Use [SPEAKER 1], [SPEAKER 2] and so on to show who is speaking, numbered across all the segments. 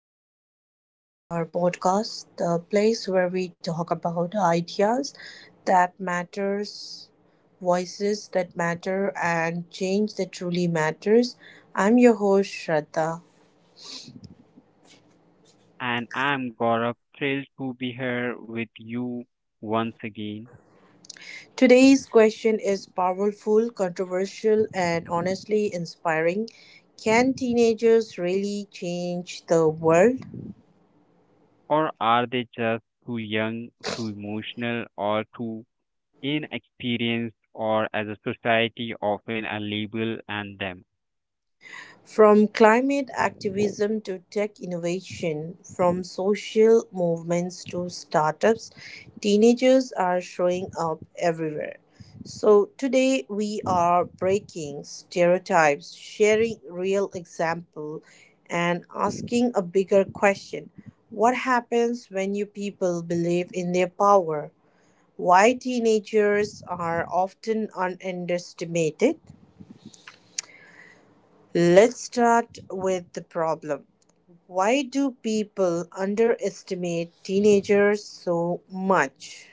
[SPEAKER 1] to our podcast, the place where we talk about ideas that matters, voices that matter, and change that truly matters. I'm your host, Shraddha.
[SPEAKER 2] And I'm Gaurav, thrilled to be here with you once again.
[SPEAKER 1] Today's question is powerful, controversial, and honestly inspiring. Can teenagers really change the world?
[SPEAKER 2] Or are they just too young, too emotional, or too inexperienced, or as a society often a label and them?
[SPEAKER 1] From climate activism to tech innovation, from social movements to startups, teenagers are showing up everywhere. So, today we are breaking stereotypes, sharing real example, and asking a bigger question. What happens when you people believe in their power? Why teenagers are often underestimated? Let's start with the problem. Why do people underestimate teenagers so much?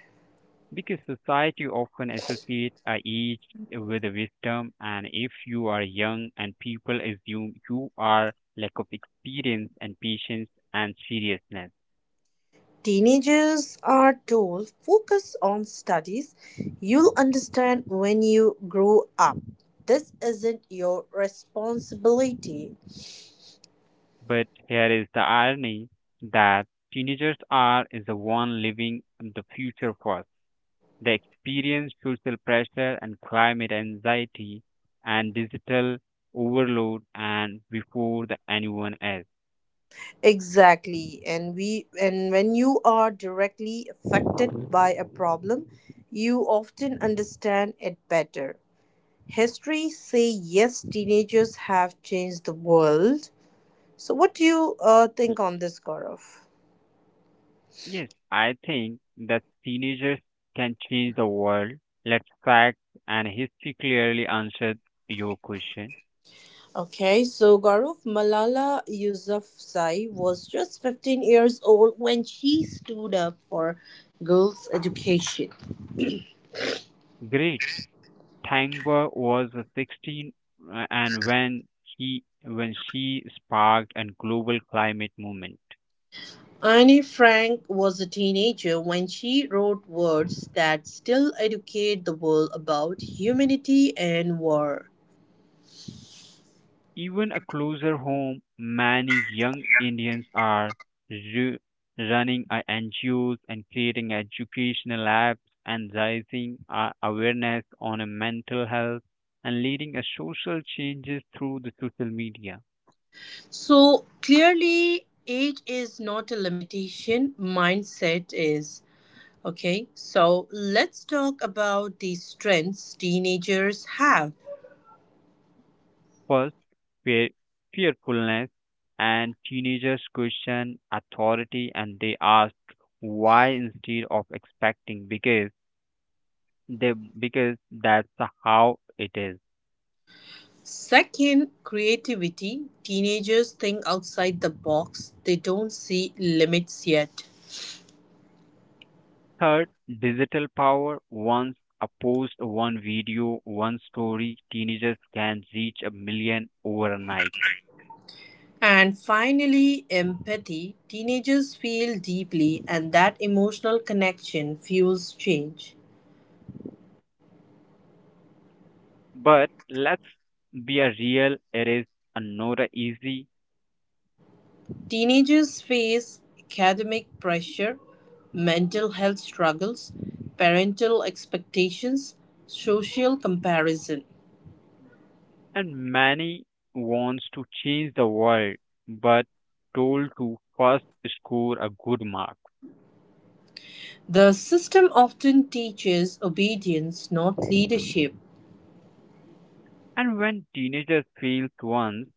[SPEAKER 2] Because society often associates a age with a wisdom, and if you are young and people assume you are lack of experience and patience and seriousness.
[SPEAKER 1] Teenagers are told focus on studies. You'll understand when you grow up. This isn't your responsibility.
[SPEAKER 2] But here is the irony that teenagers are is the one living in the future first. They experience social pressure and climate anxiety and digital overload and before the anyone else.
[SPEAKER 1] Exactly. And when you are directly affected by a problem, you often understand it better. History say yes, teenagers have changed the world. So what do you
[SPEAKER 2] L-
[SPEAKER 1] think on this, Gaurav?
[SPEAKER 2] Yes, I think that teenagers can change the world. Let's fact and history clearly answered your question.
[SPEAKER 1] Okay, so Gaurav, Malala Yousafzai was just 15 years old when she stood up for girls education.
[SPEAKER 2] Great. Tangber was 16, and when he when she sparked a global climate movement.
[SPEAKER 1] Anne Frank was a teenager when she wrote words that still educate the world about humanity and war.
[SPEAKER 2] Even a closer home, many young Indians are ru- running NGOs and creating educational apps and raising awareness on mental health and leading a social changes through the social media.
[SPEAKER 1] So clearly, age is not a limitation, mindset is. Okay, so let's talk about the strengths teenagers have.
[SPEAKER 2] First, fear, fearfulness, and teenagers question authority and they ask why instead of expecting because they because that's how it is.
[SPEAKER 1] Second, creativity. Teenagers think outside the box, they don't see limits yet.
[SPEAKER 2] Third, digital power. Once a post, one video, one story, teenagers can reach a million overnight.
[SPEAKER 1] And finally, empathy. Teenagers feel deeply, and that emotional connection fuels change.
[SPEAKER 2] But let's be a real, it is not easy,
[SPEAKER 1] Teenagers face academic pressure, mental health struggles, parental expectations, social comparison.
[SPEAKER 2] and many wants to change the world but told to first score a good mark.
[SPEAKER 1] The system often teaches obedience, not leadership.
[SPEAKER 2] And when teenagers fail once,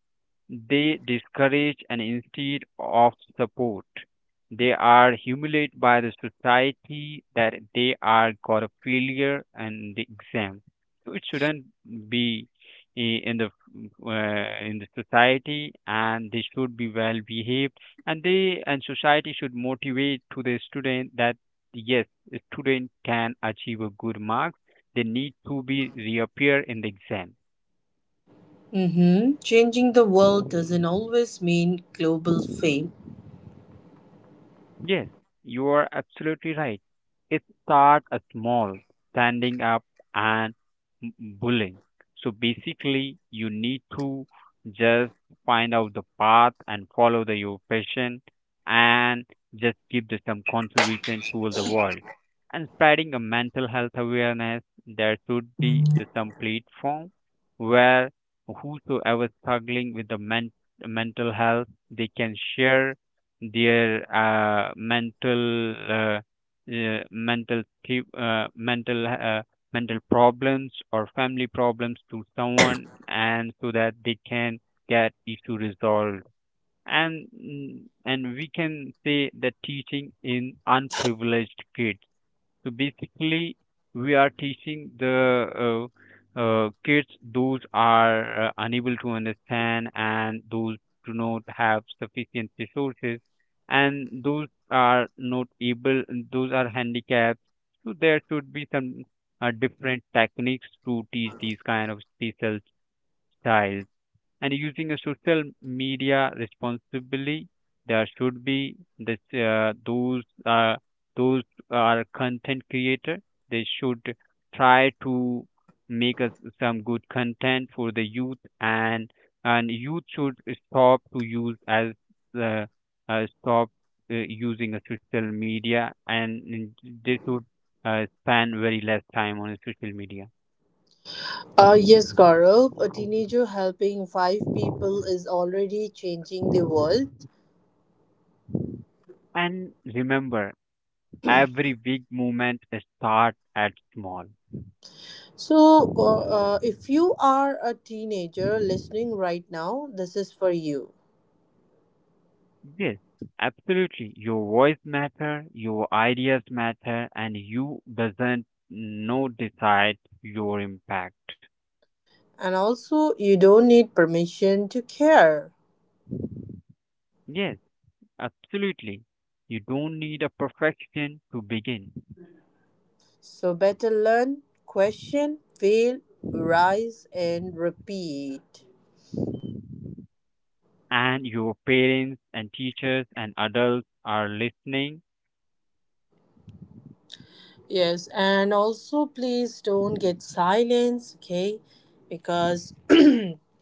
[SPEAKER 2] they discourage and instead of support. They are humiliated by the society that they are got a failure and the exam. So it shouldn't be i- in the in the society, and they should be well behaved. And they and society should motivate to the student that yes, a student can achieve a good marks. They need to be reappear in the exam.
[SPEAKER 1] Changing the world doesn't always mean global fame.
[SPEAKER 2] Yes, you are absolutely right. It start a small, standing up and m- bullying. So basically, you need to just find out the path and follow the your passion and just give the, some contribution to the world. And spreading a mental health awareness, there should be the, some platform where whosoever struggling with the mental health, they can share their mental mental th- mental mental problems or family problems to someone and so that they can get issue resolved and and we can say that teaching in unprivileged kids. So basically, we are teaching the kids those are unable to understand and those do not have sufficient resources, and those are not able, those are handicapped. So there should be some different techniques to teach these kind of special styles and using a social media responsibly. There should be this those are content creator. They should try to make us some good content for the youth, and youth should stop to use as uh, stop uh, using a social media, and they should spend very less time on social media.
[SPEAKER 1] Yes, Gaurav, a teenager helping five people is already changing the world.
[SPEAKER 2] And remember, every big movement starts at small.
[SPEAKER 1] So, if you are a teenager listening right now, this is for you.
[SPEAKER 2] Yes, absolutely. Your voice matter, your ideas matter, and you doesn't know decide your impact.
[SPEAKER 1] And also, you don't need permission to care.
[SPEAKER 2] Yes, absolutely. You don't need a perfection to begin.
[SPEAKER 1] So better learn, question, fail, rise, and repeat.
[SPEAKER 2] And your parents and teachers and adults are listening.
[SPEAKER 1] Yes, and also please don't get silence, okay? Because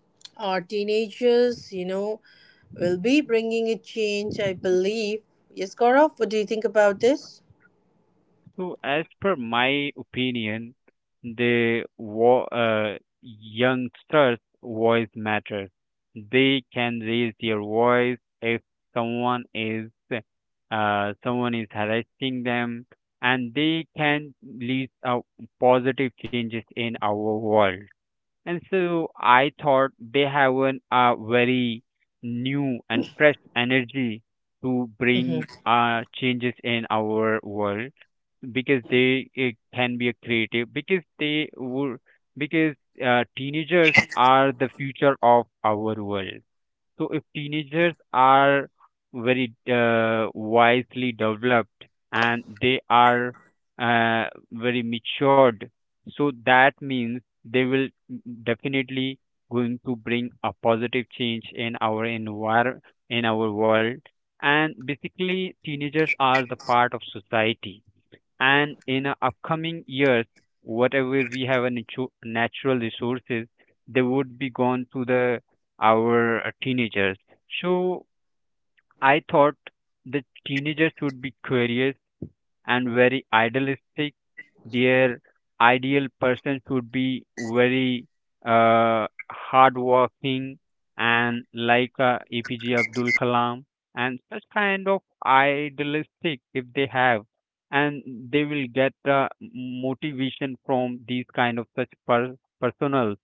[SPEAKER 1] our teenagers, will be bringing a change, I believe. Yes, Gaurav, what do you think about this?
[SPEAKER 2] So, as per my opinion, the youngsters' voice matters. They can raise their voice if someone is someone is harassing them, and they can lead positive changes in our world. And so I thought they have an, a very new and fresh energy to
[SPEAKER 1] Mm-hmm.
[SPEAKER 2] bring changes in our world because they can be a creative because they would because teenagers are the future of our world. So if teenagers are very wisely developed and they are uh, very matured, so that means they will definitely going to bring a positive change in our envir in our world. And basically, teenagers are the part of society, and in a upcoming years whatever we have a natural resources, they would be gone to the our teenagers. So I thought the teenagers would be curious and very idealistic. Their ideal person should be very hardworking and like APJ Abdul Kalam, and such kind of idealistic if they have, and they will get motivation from these kind of personal,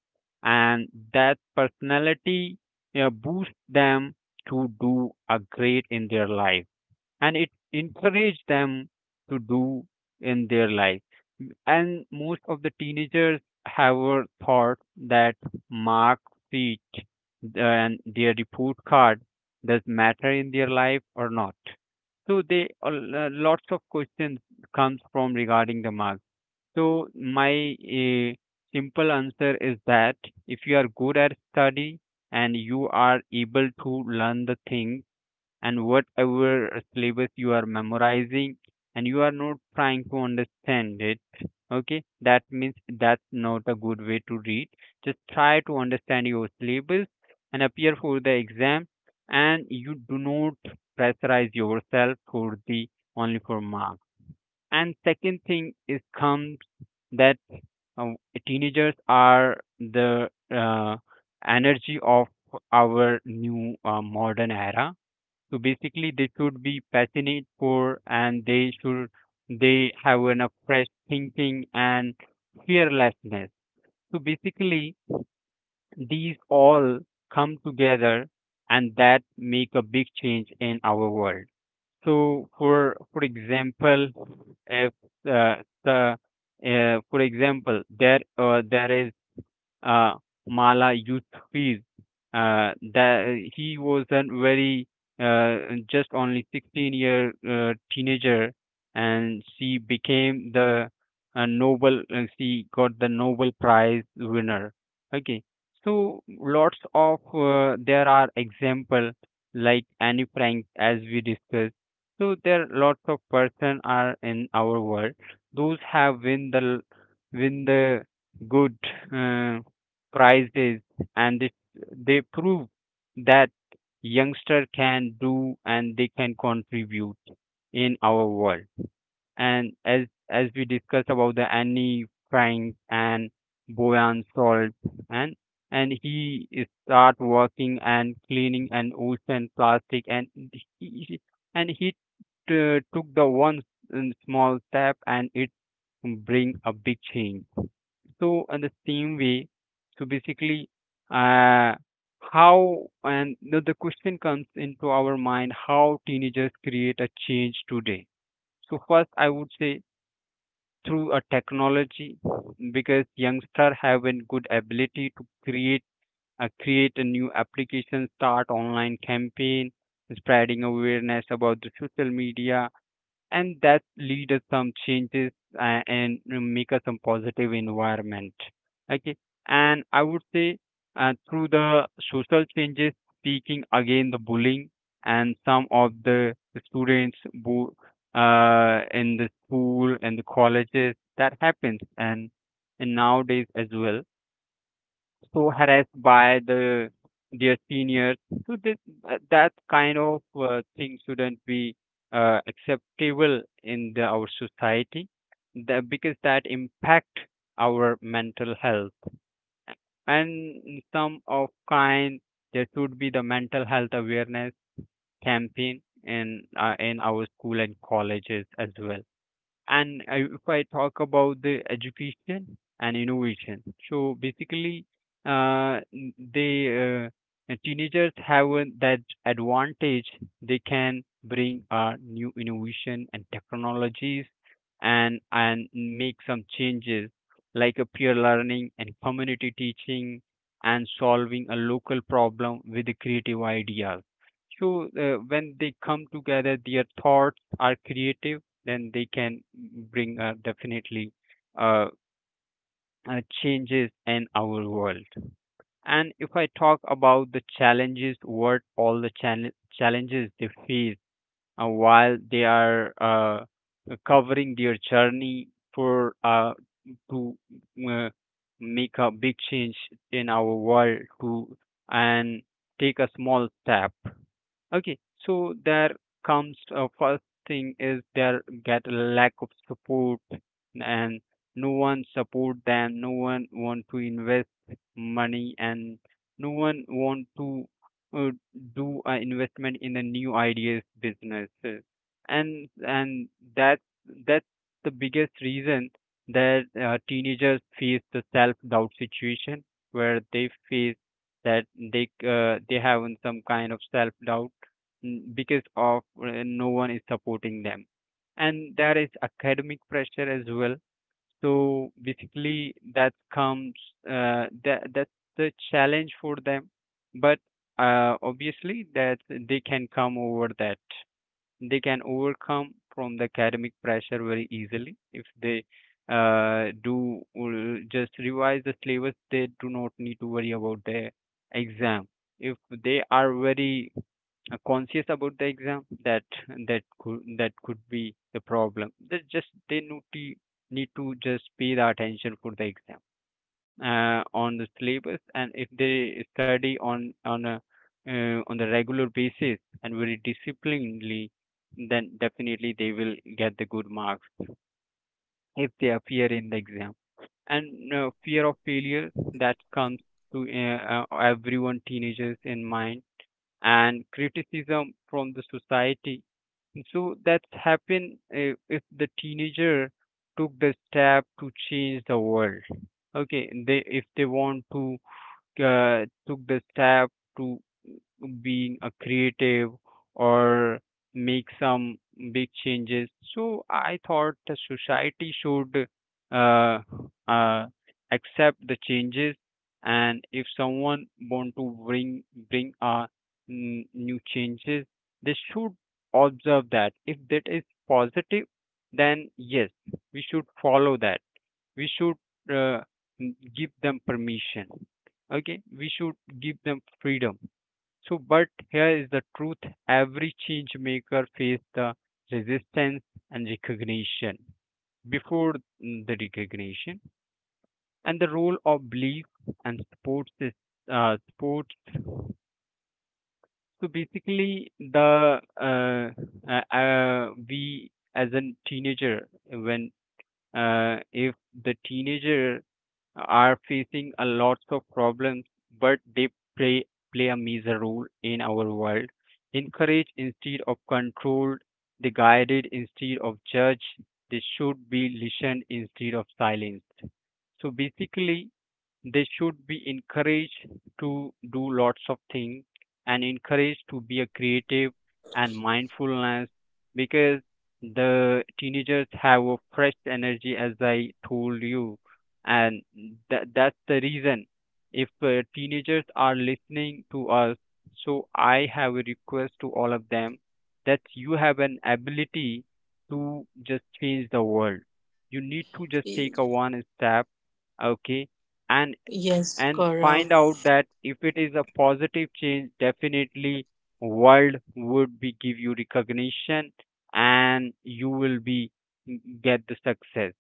[SPEAKER 2] and that personality boosts them to do a great in their life and it encouraged them to do in their life. And most of the teenagers have a thought that mark sheet and their report card does matter in their life or not. So they a lots of questions comes from regarding the marks. So my simple answer is that if you are good at study and you are able to learn the things and whatever syllabus you are memorizing and you are not trying to understand it, okay, that means that's not a good way to read. Just try to understand your syllabus and appear for the exam, and you do not pressurize yourself for the only for marks. And second thing is comes that uh, teenagers are the energy of our new modern era. So basically, they should be passionate for, and they should they have an a fresh thinking and fearlessness. So basically, these all come together and that make a big change in our world. So for example, if uh, the for example, there is uh, Mala Yousafzai. That he was a very uh, just only 16 year teenager, and she became the Nobel. She got the Nobel Prize winner. Okay, so lots of there are example like Anne Frank as we discussed. So there are lots of person are in our world. Those have win the good uh, Prizes, and they prove that youngster can do and they can contribute in our world. And as we discussed about the annie frank and boyan salt, and and he is start working and cleaning an ocean plastic, and he, he- he took the small step and it bring a big change. So in the same way, so basically, uh, how and the question comes into our mind how teenagers create a change today. So first, I would say through a technology because youngsters have a good ability to create a new application, start online campaign, spreading awareness about the social media, and that lead us some changes and make us some positive environment, okay. And I would say through the social changes, speaking again the bullying and some of the students who in the school and the colleges that happens and nowadays as well, so harassed by the their seniors. So this, that kind of thing shouldn't be acceptable in the, our society, the, because that impact our mental health. And some of kind there should be the mental health awareness campaign in our school and colleges as well. And I, if I talk about the education and innovation, so basically, n- they teenagers have that advantage. They can bring new innovation and technologies, and make some changes like a peer learning and community teaching, and solving a local problem with the creative ideas. So when they come together, their thoughts are creative, then they can bring definitely uh, changes in our world. And if I talk about the challenges, what all the challenges they face while they are covering their journey for to uh, make a big change in our world to and take a small step. Okay, so there comes first thing is there get a lack of support, and no one support them, no one want to invest money, and no one want to uh, do an investment in the new ideas business and that's that's the biggest reason that teenagers face the self doubt situation where they face that they have some kind of self doubt, because of no one is supporting them, and there is academic pressure as well. So basically that comes that's the challenge for them. But obviously that they can come over that, they can overcome from the academic pressure very easily if they do just revise the syllabus. They do not need to worry about their exam. If they are very conscious about the exam, that could be the problem. They just they need to just pay the attention for the exam on the syllabus, and if they study on a on the regular basis and very disciplinedly, then definitely they will get the good marks if they appear in the exam. And fear of failure that comes to everyone teenagers in mind, and criticism from the society. So that's happen if the teenager took the step to change the world. Okay, they if they want to took the step to being a creative or make some big changes. So I thought the society should uh, uh, accept the changes, and if someone want to bring a new changes, they should observe that. If that is positive, then yes, we should follow that. We should uh, give them permission. Okay, we should give them freedom so, but here is the truth every change maker faced the resistance and recognition before the recognition and the role of belief and sports is sports. So basically, the we as a teenager, when if the teenager are facing a lots of problems, but they play, play a major role in our world. Encourage instead of controlled, they guided instead of judged, they should be listened instead of silenced. So basically, they should be encouraged to do lots of things and encouraged to be a creative and mindfulness because the teenagers have a fresh energy as I told you and that's the reason if teenagers are listening to us, so I have a request to all of them that you have an ability to just change the world. You need to just take a one step, okay, and
[SPEAKER 1] Yes,
[SPEAKER 2] and
[SPEAKER 1] Gaurav.
[SPEAKER 2] find out that if it is a positive change, definitely world would be give you recognition and you will be get the success.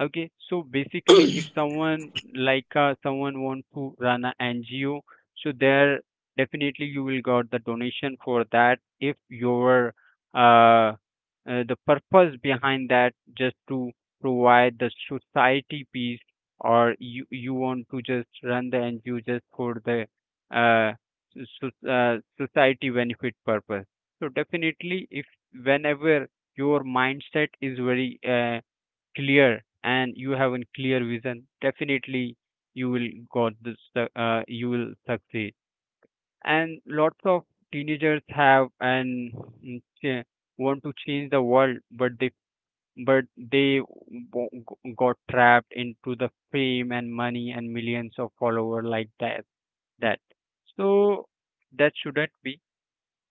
[SPEAKER 2] Okay, so basically if someone want to run a NGO, so there definitely you will got the donation for that if your uh, the purpose behind that just to provide the society peace, or you want to just run the NGO just for the uh, so, society benefit purpose. So definitely, if whenever your mindset is very clear and you have a clear vision, definitely you will got this. You will succeed. And lots of teenagers have and mm, cha- want to change the world, but but they got trapped into the fame and money and millions of followers like that, that so that shouldn't be.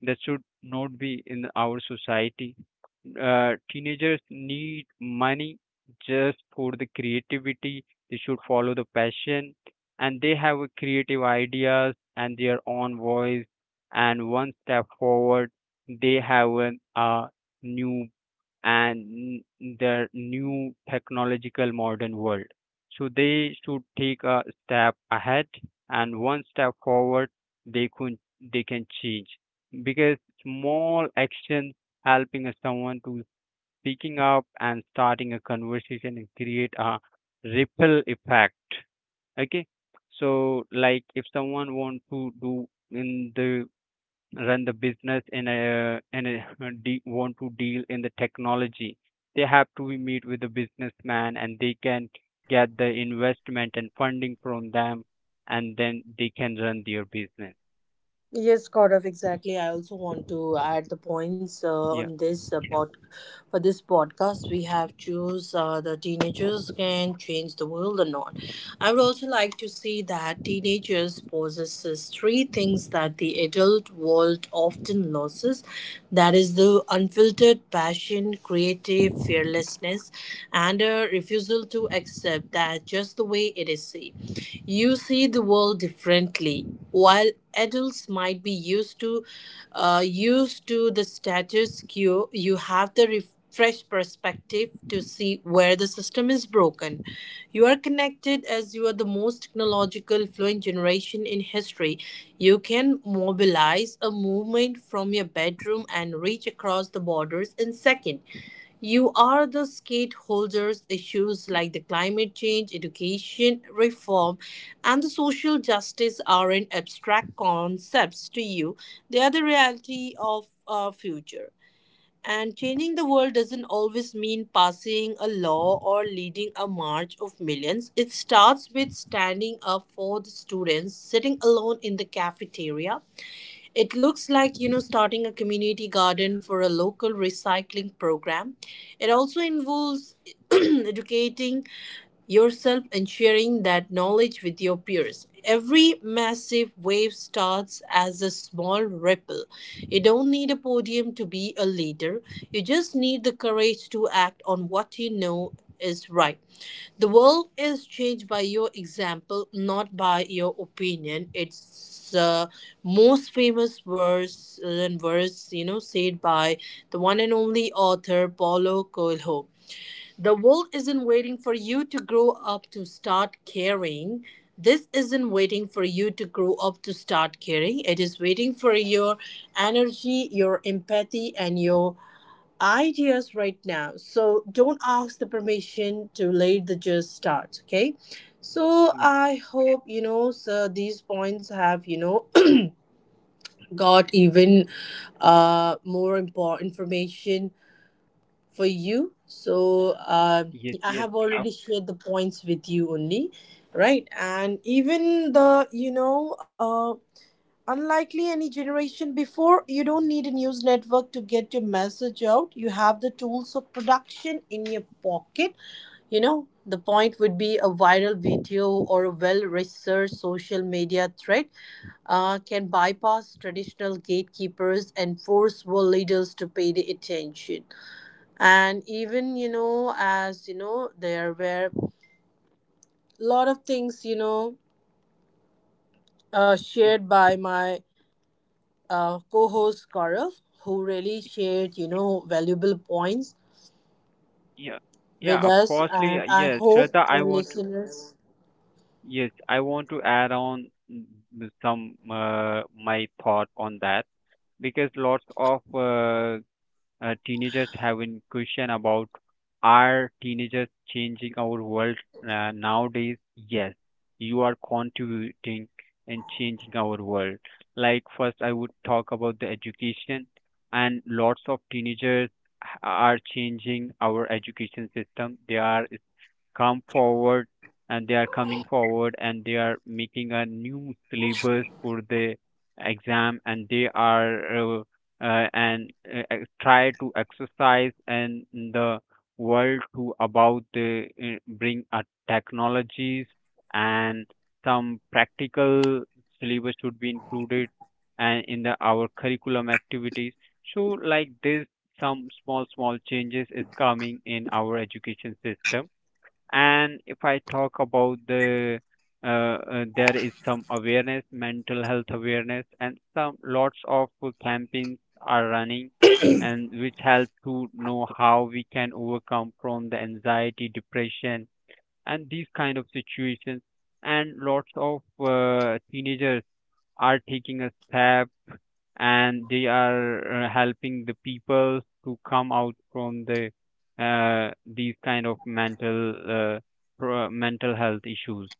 [SPEAKER 2] That should not be in our society. Teenagers need money just for the creativity. They should follow the passion, and they have a creative ideas and their own voice, and one step forward they have an, a new and the new technological modern world. So they should take a step ahead, and one step forward they could they can change because small action, helping a someone to speaking up and starting a conversation and create a ripple effect. Okay. So like if someone want to do in the run the business and want to deal in the technology, they have to be meet with the businessman and they can get the investment and funding from them and then they can run their business.
[SPEAKER 1] Yes, Gaurav, exactly. I also want to add the points
[SPEAKER 2] Yeah.
[SPEAKER 1] on this for this podcast. We have choose the teenagers can change the world or not. I would also like to see that teenagers possesses three things that the adult world often loses. That is the unfiltered passion, creative fearlessness, and a refusal to accept that just the way it is seen. You see the world differently. While adults might be used to the status quo, you have the refreshed perspective to see where the system is broken. You are connected as you are the most technological fluent generation in history. You can mobilize a movement from your bedroom and reach across the borders in seconds. You are the stakeholders. Issues like the climate change, education reform, and the social justice aren't abstract concepts to you. They are the reality of our future. And changing the world doesn't always mean passing a law or leading a march of millions. It starts with standing up for the students, sitting alone in the cafeteria, it looks like, you know, starting a community garden for a local recycling program. It also involves educating yourself and sharing that knowledge with your peers. Every massive wave starts as a small ripple. You don't need a podium to be a leader, you just need the courage to act on what you know is right. The world is changed by your example, not by your opinion. It's the most famous verse said by the one and only author Paulo Coelho. The world isn't waiting for you to grow up to start caring. This isn't waiting for you to grow up to start caring. It is waiting for your energy, your empathy, and your ideas right now. So don't ask the permission to let the just start. Okay. So
[SPEAKER 2] Mm,
[SPEAKER 1] I hope these points have you know Got even more important information for you. So
[SPEAKER 2] yes,
[SPEAKER 1] I
[SPEAKER 2] yes.
[SPEAKER 1] have
[SPEAKER 2] Uh,
[SPEAKER 1] already shared the points with you only, right? And even the you know unlikely any generation before, you don't need a news network to get your message out. You have the tools of production in your pocket. The point would be a viral video or a well researched social media thread can bypass traditional gatekeepers and force world leaders to pay the attention. And even, you know, as you know, there were a lot of things,
[SPEAKER 2] Y-
[SPEAKER 1] shared by my co-host Gaurav, who really shared, valuable points
[SPEAKER 2] Yeah, yeah,
[SPEAKER 1] with
[SPEAKER 2] of
[SPEAKER 1] us,
[SPEAKER 2] course,
[SPEAKER 1] and I
[SPEAKER 2] yes,
[SPEAKER 1] hope
[SPEAKER 2] Shraddha, I
[SPEAKER 1] the
[SPEAKER 2] want to,
[SPEAKER 1] listeners.
[SPEAKER 2] yes, I want to add on some my thought on that because lots of teenagers have in question about are teenagers changing our world nowadays? Yes, you are contributing and changing our world. Like first, I would talk about the education, and lots of teenagers are changing our education system. Come forward they are coming forward and they are making a new syllabus for the exam, and they are try to exercise and the world to about the bring a technologies and some practical syllabus should be included and in the our curriculum activities. So like this, some small small changes is coming in our education system. And if I talk about the there is some awareness, mental health awareness, and some lots of campaigns are running, and which help to know how we can overcome from the anxiety depression and these kind of situations. And lots of teenagers are taking a step and they are helping the people to come out from the these kind of mental health issues.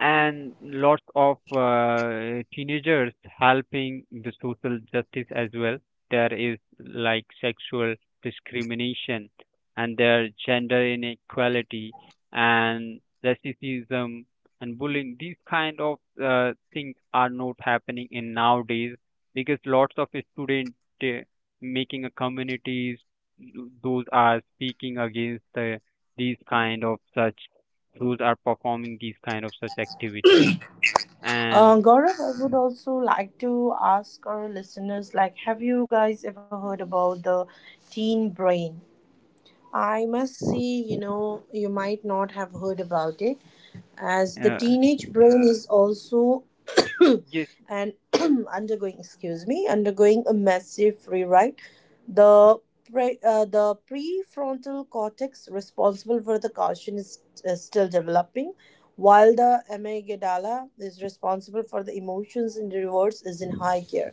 [SPEAKER 2] And lots of teenagers helping the social justice as well. There is like sexual discrimination and their gender inequality and racism and bullying. These kind of things are not happening in nowadays because lots of students uh, making a communities those are speaking against the, these kind of such schools are performing these kind of such activity. And
[SPEAKER 1] Gaurav, I would also like to ask our listeners, like, have you guys ever heard about the teen brain? I must see, you might not have heard about it, as the
[SPEAKER 2] uh,
[SPEAKER 1] teenage brain is also
[SPEAKER 2] yes,
[SPEAKER 1] and undergoing, excuse me, undergoing a massive rewrite. The prefrontal cortex responsible for the caution is still developing, while the amygdala is responsible for the emotions and rewards is in high gear.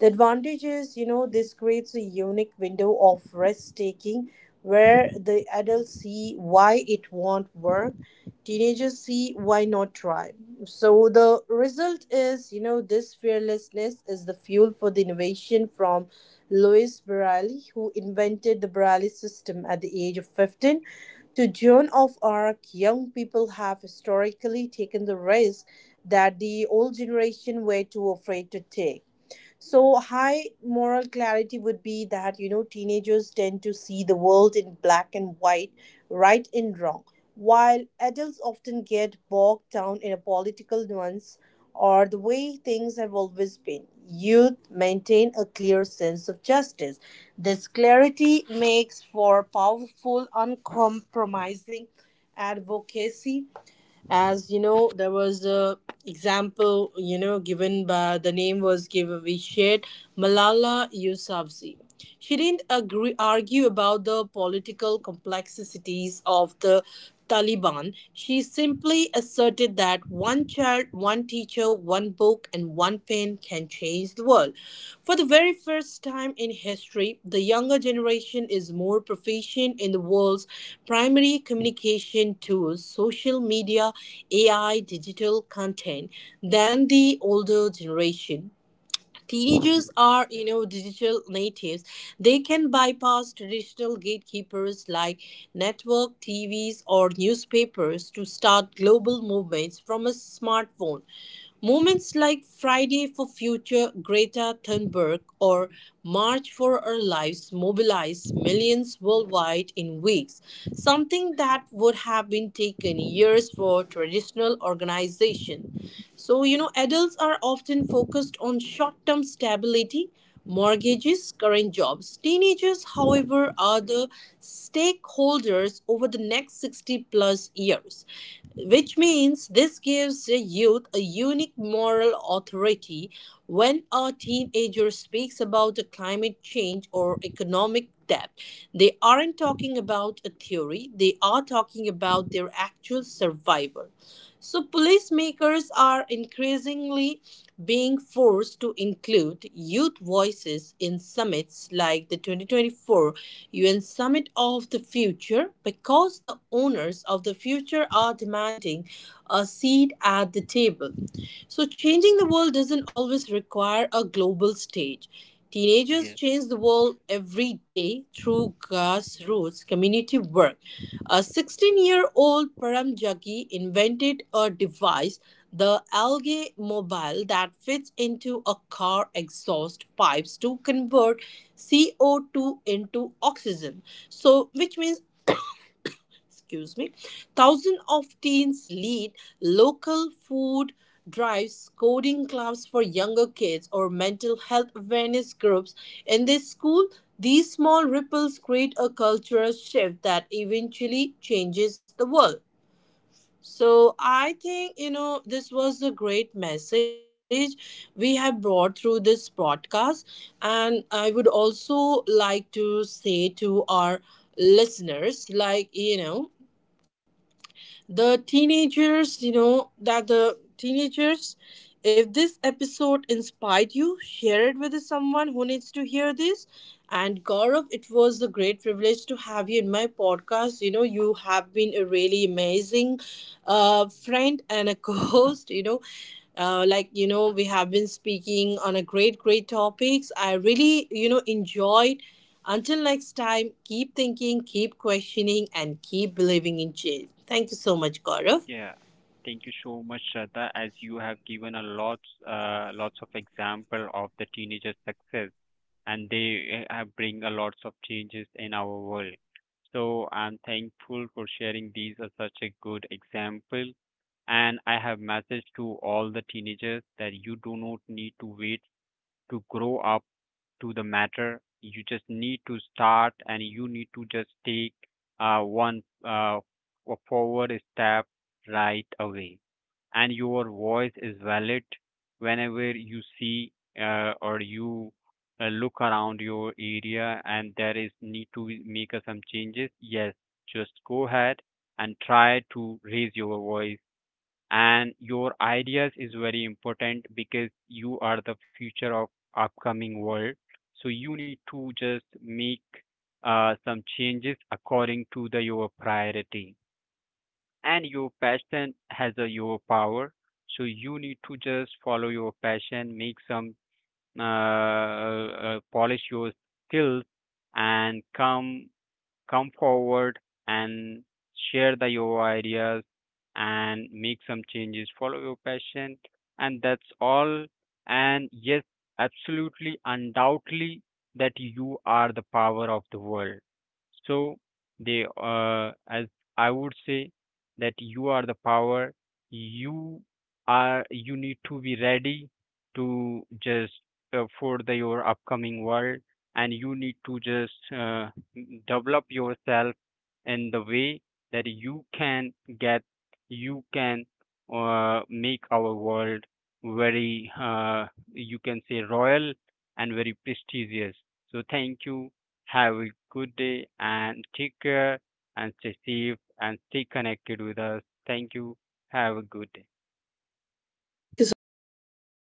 [SPEAKER 1] The advantage is, this creates a unique window of risk taking where the adults see why it won't work, teenagers see why not try. So the result is, this fearlessness is the fuel for the innovation. From Louis Borelli, who invented the Borelli system at the age of 15, to Joan of Arc, young people have historically taken the risk that the old generation were too afraid to take. So, high moral clarity would be that, teenagers tend to see the world in black and white, right and wrong, while adults often get bogged down in a political nuance or the way things have always been. Youth maintain a clear sense of justice. This clarity makes for powerful, uncompromising advocacy. As you know, there was a example given. By the name was given, we shared Malala Yousafzai. She didn't agree argue about the political complexities of the Taliban. She simply asserted that one child, one teacher, one book, and one pen can change the world. For the very first time in history, the younger generation is more proficient in the world's primary communication tools, social media, AI, digital content, than the older generation. Teenagers are, digital natives. They can bypass traditional gatekeepers like network, TVs, or newspapers to start global movements from a smartphone. Movements like Friday for Future Greta Thunberg or March for Our Lives mobilize millions worldwide in weeks, something that would have been taken years for traditional organization. So, adults are often focused on short term stability, mortgages, current jobs. Teenagers, however, are the stakeholders over the next 60 plus years, which means this gives the youth a unique moral authority when a teenager speaks about a climate change or economic debt. They aren't talking about a theory, they are talking about their actual survival. So, policymakers are increasingly being forced to include youth voices in summits like the 2024 UN Summit of the Future, because the owners of the future are demanding a seat at the table. So, changing the world doesn't always require a global stage. Teenagers
[SPEAKER 2] yes,
[SPEAKER 1] change the world every day through grassroots community work. A 16-year-old Param Jaggi invented a device, the Algae Mobile, that fits into a car exhaust pipes to convert CO2 into oxygen. So, which means, excuse me, thousands of teens lead local food drives, coding clubs for younger kids, or mental health awareness groups in their school. These small ripples create a cultural shift that eventually changes the world. So I think this was a great message we have brought through this broadcast, and I would also like to say to our listeners, the teenagers you know that the teenagers, if this episode inspired you, share it with someone who needs to hear this. And Gaurav, it was a great privilege to have you in my podcast. You have been a really amazing friend and a co-host. We have been speaking on a great topics. I really enjoyed. Until next time, keep thinking, keep questioning, and keep believing in change. Thank you so much, Gaurav.
[SPEAKER 2] yeah. Thank you so much, Shraddha, as you have given a lots of example of the teenagers' success, and they have bring a lots of changes in our world. So I'm thankful for sharing these as such a good example. And I have message to all the teenagers that you do not need to wait to grow up to the matter. You just need to start and you need to just take one forward step right away. And your voice is valid whenever you see or you look around your area and there is need to make some changes. Yes, just go ahead and try to raise your voice, and your ideas is very important because you are the future of upcoming world. So you need to just make some changes according to the your priority, and your passion has a your power. So you need to just follow your passion, make some polish your skills and come forward and share the your ideas and make some changes, follow your passion, and that's all. And yes, absolutely, undoubtedly, that you are the power of the world. So they, as I would say, that you are the power. You are, you need to be ready to just for the your upcoming world, and you need to just develop yourself in the way that get you can make our world very you can say royal and very prestigious. So thank you, have a good day and take care, and stay safe and stay connected with us. Thank you, have a good day.
[SPEAKER 1] Thank you so much, Gaurav.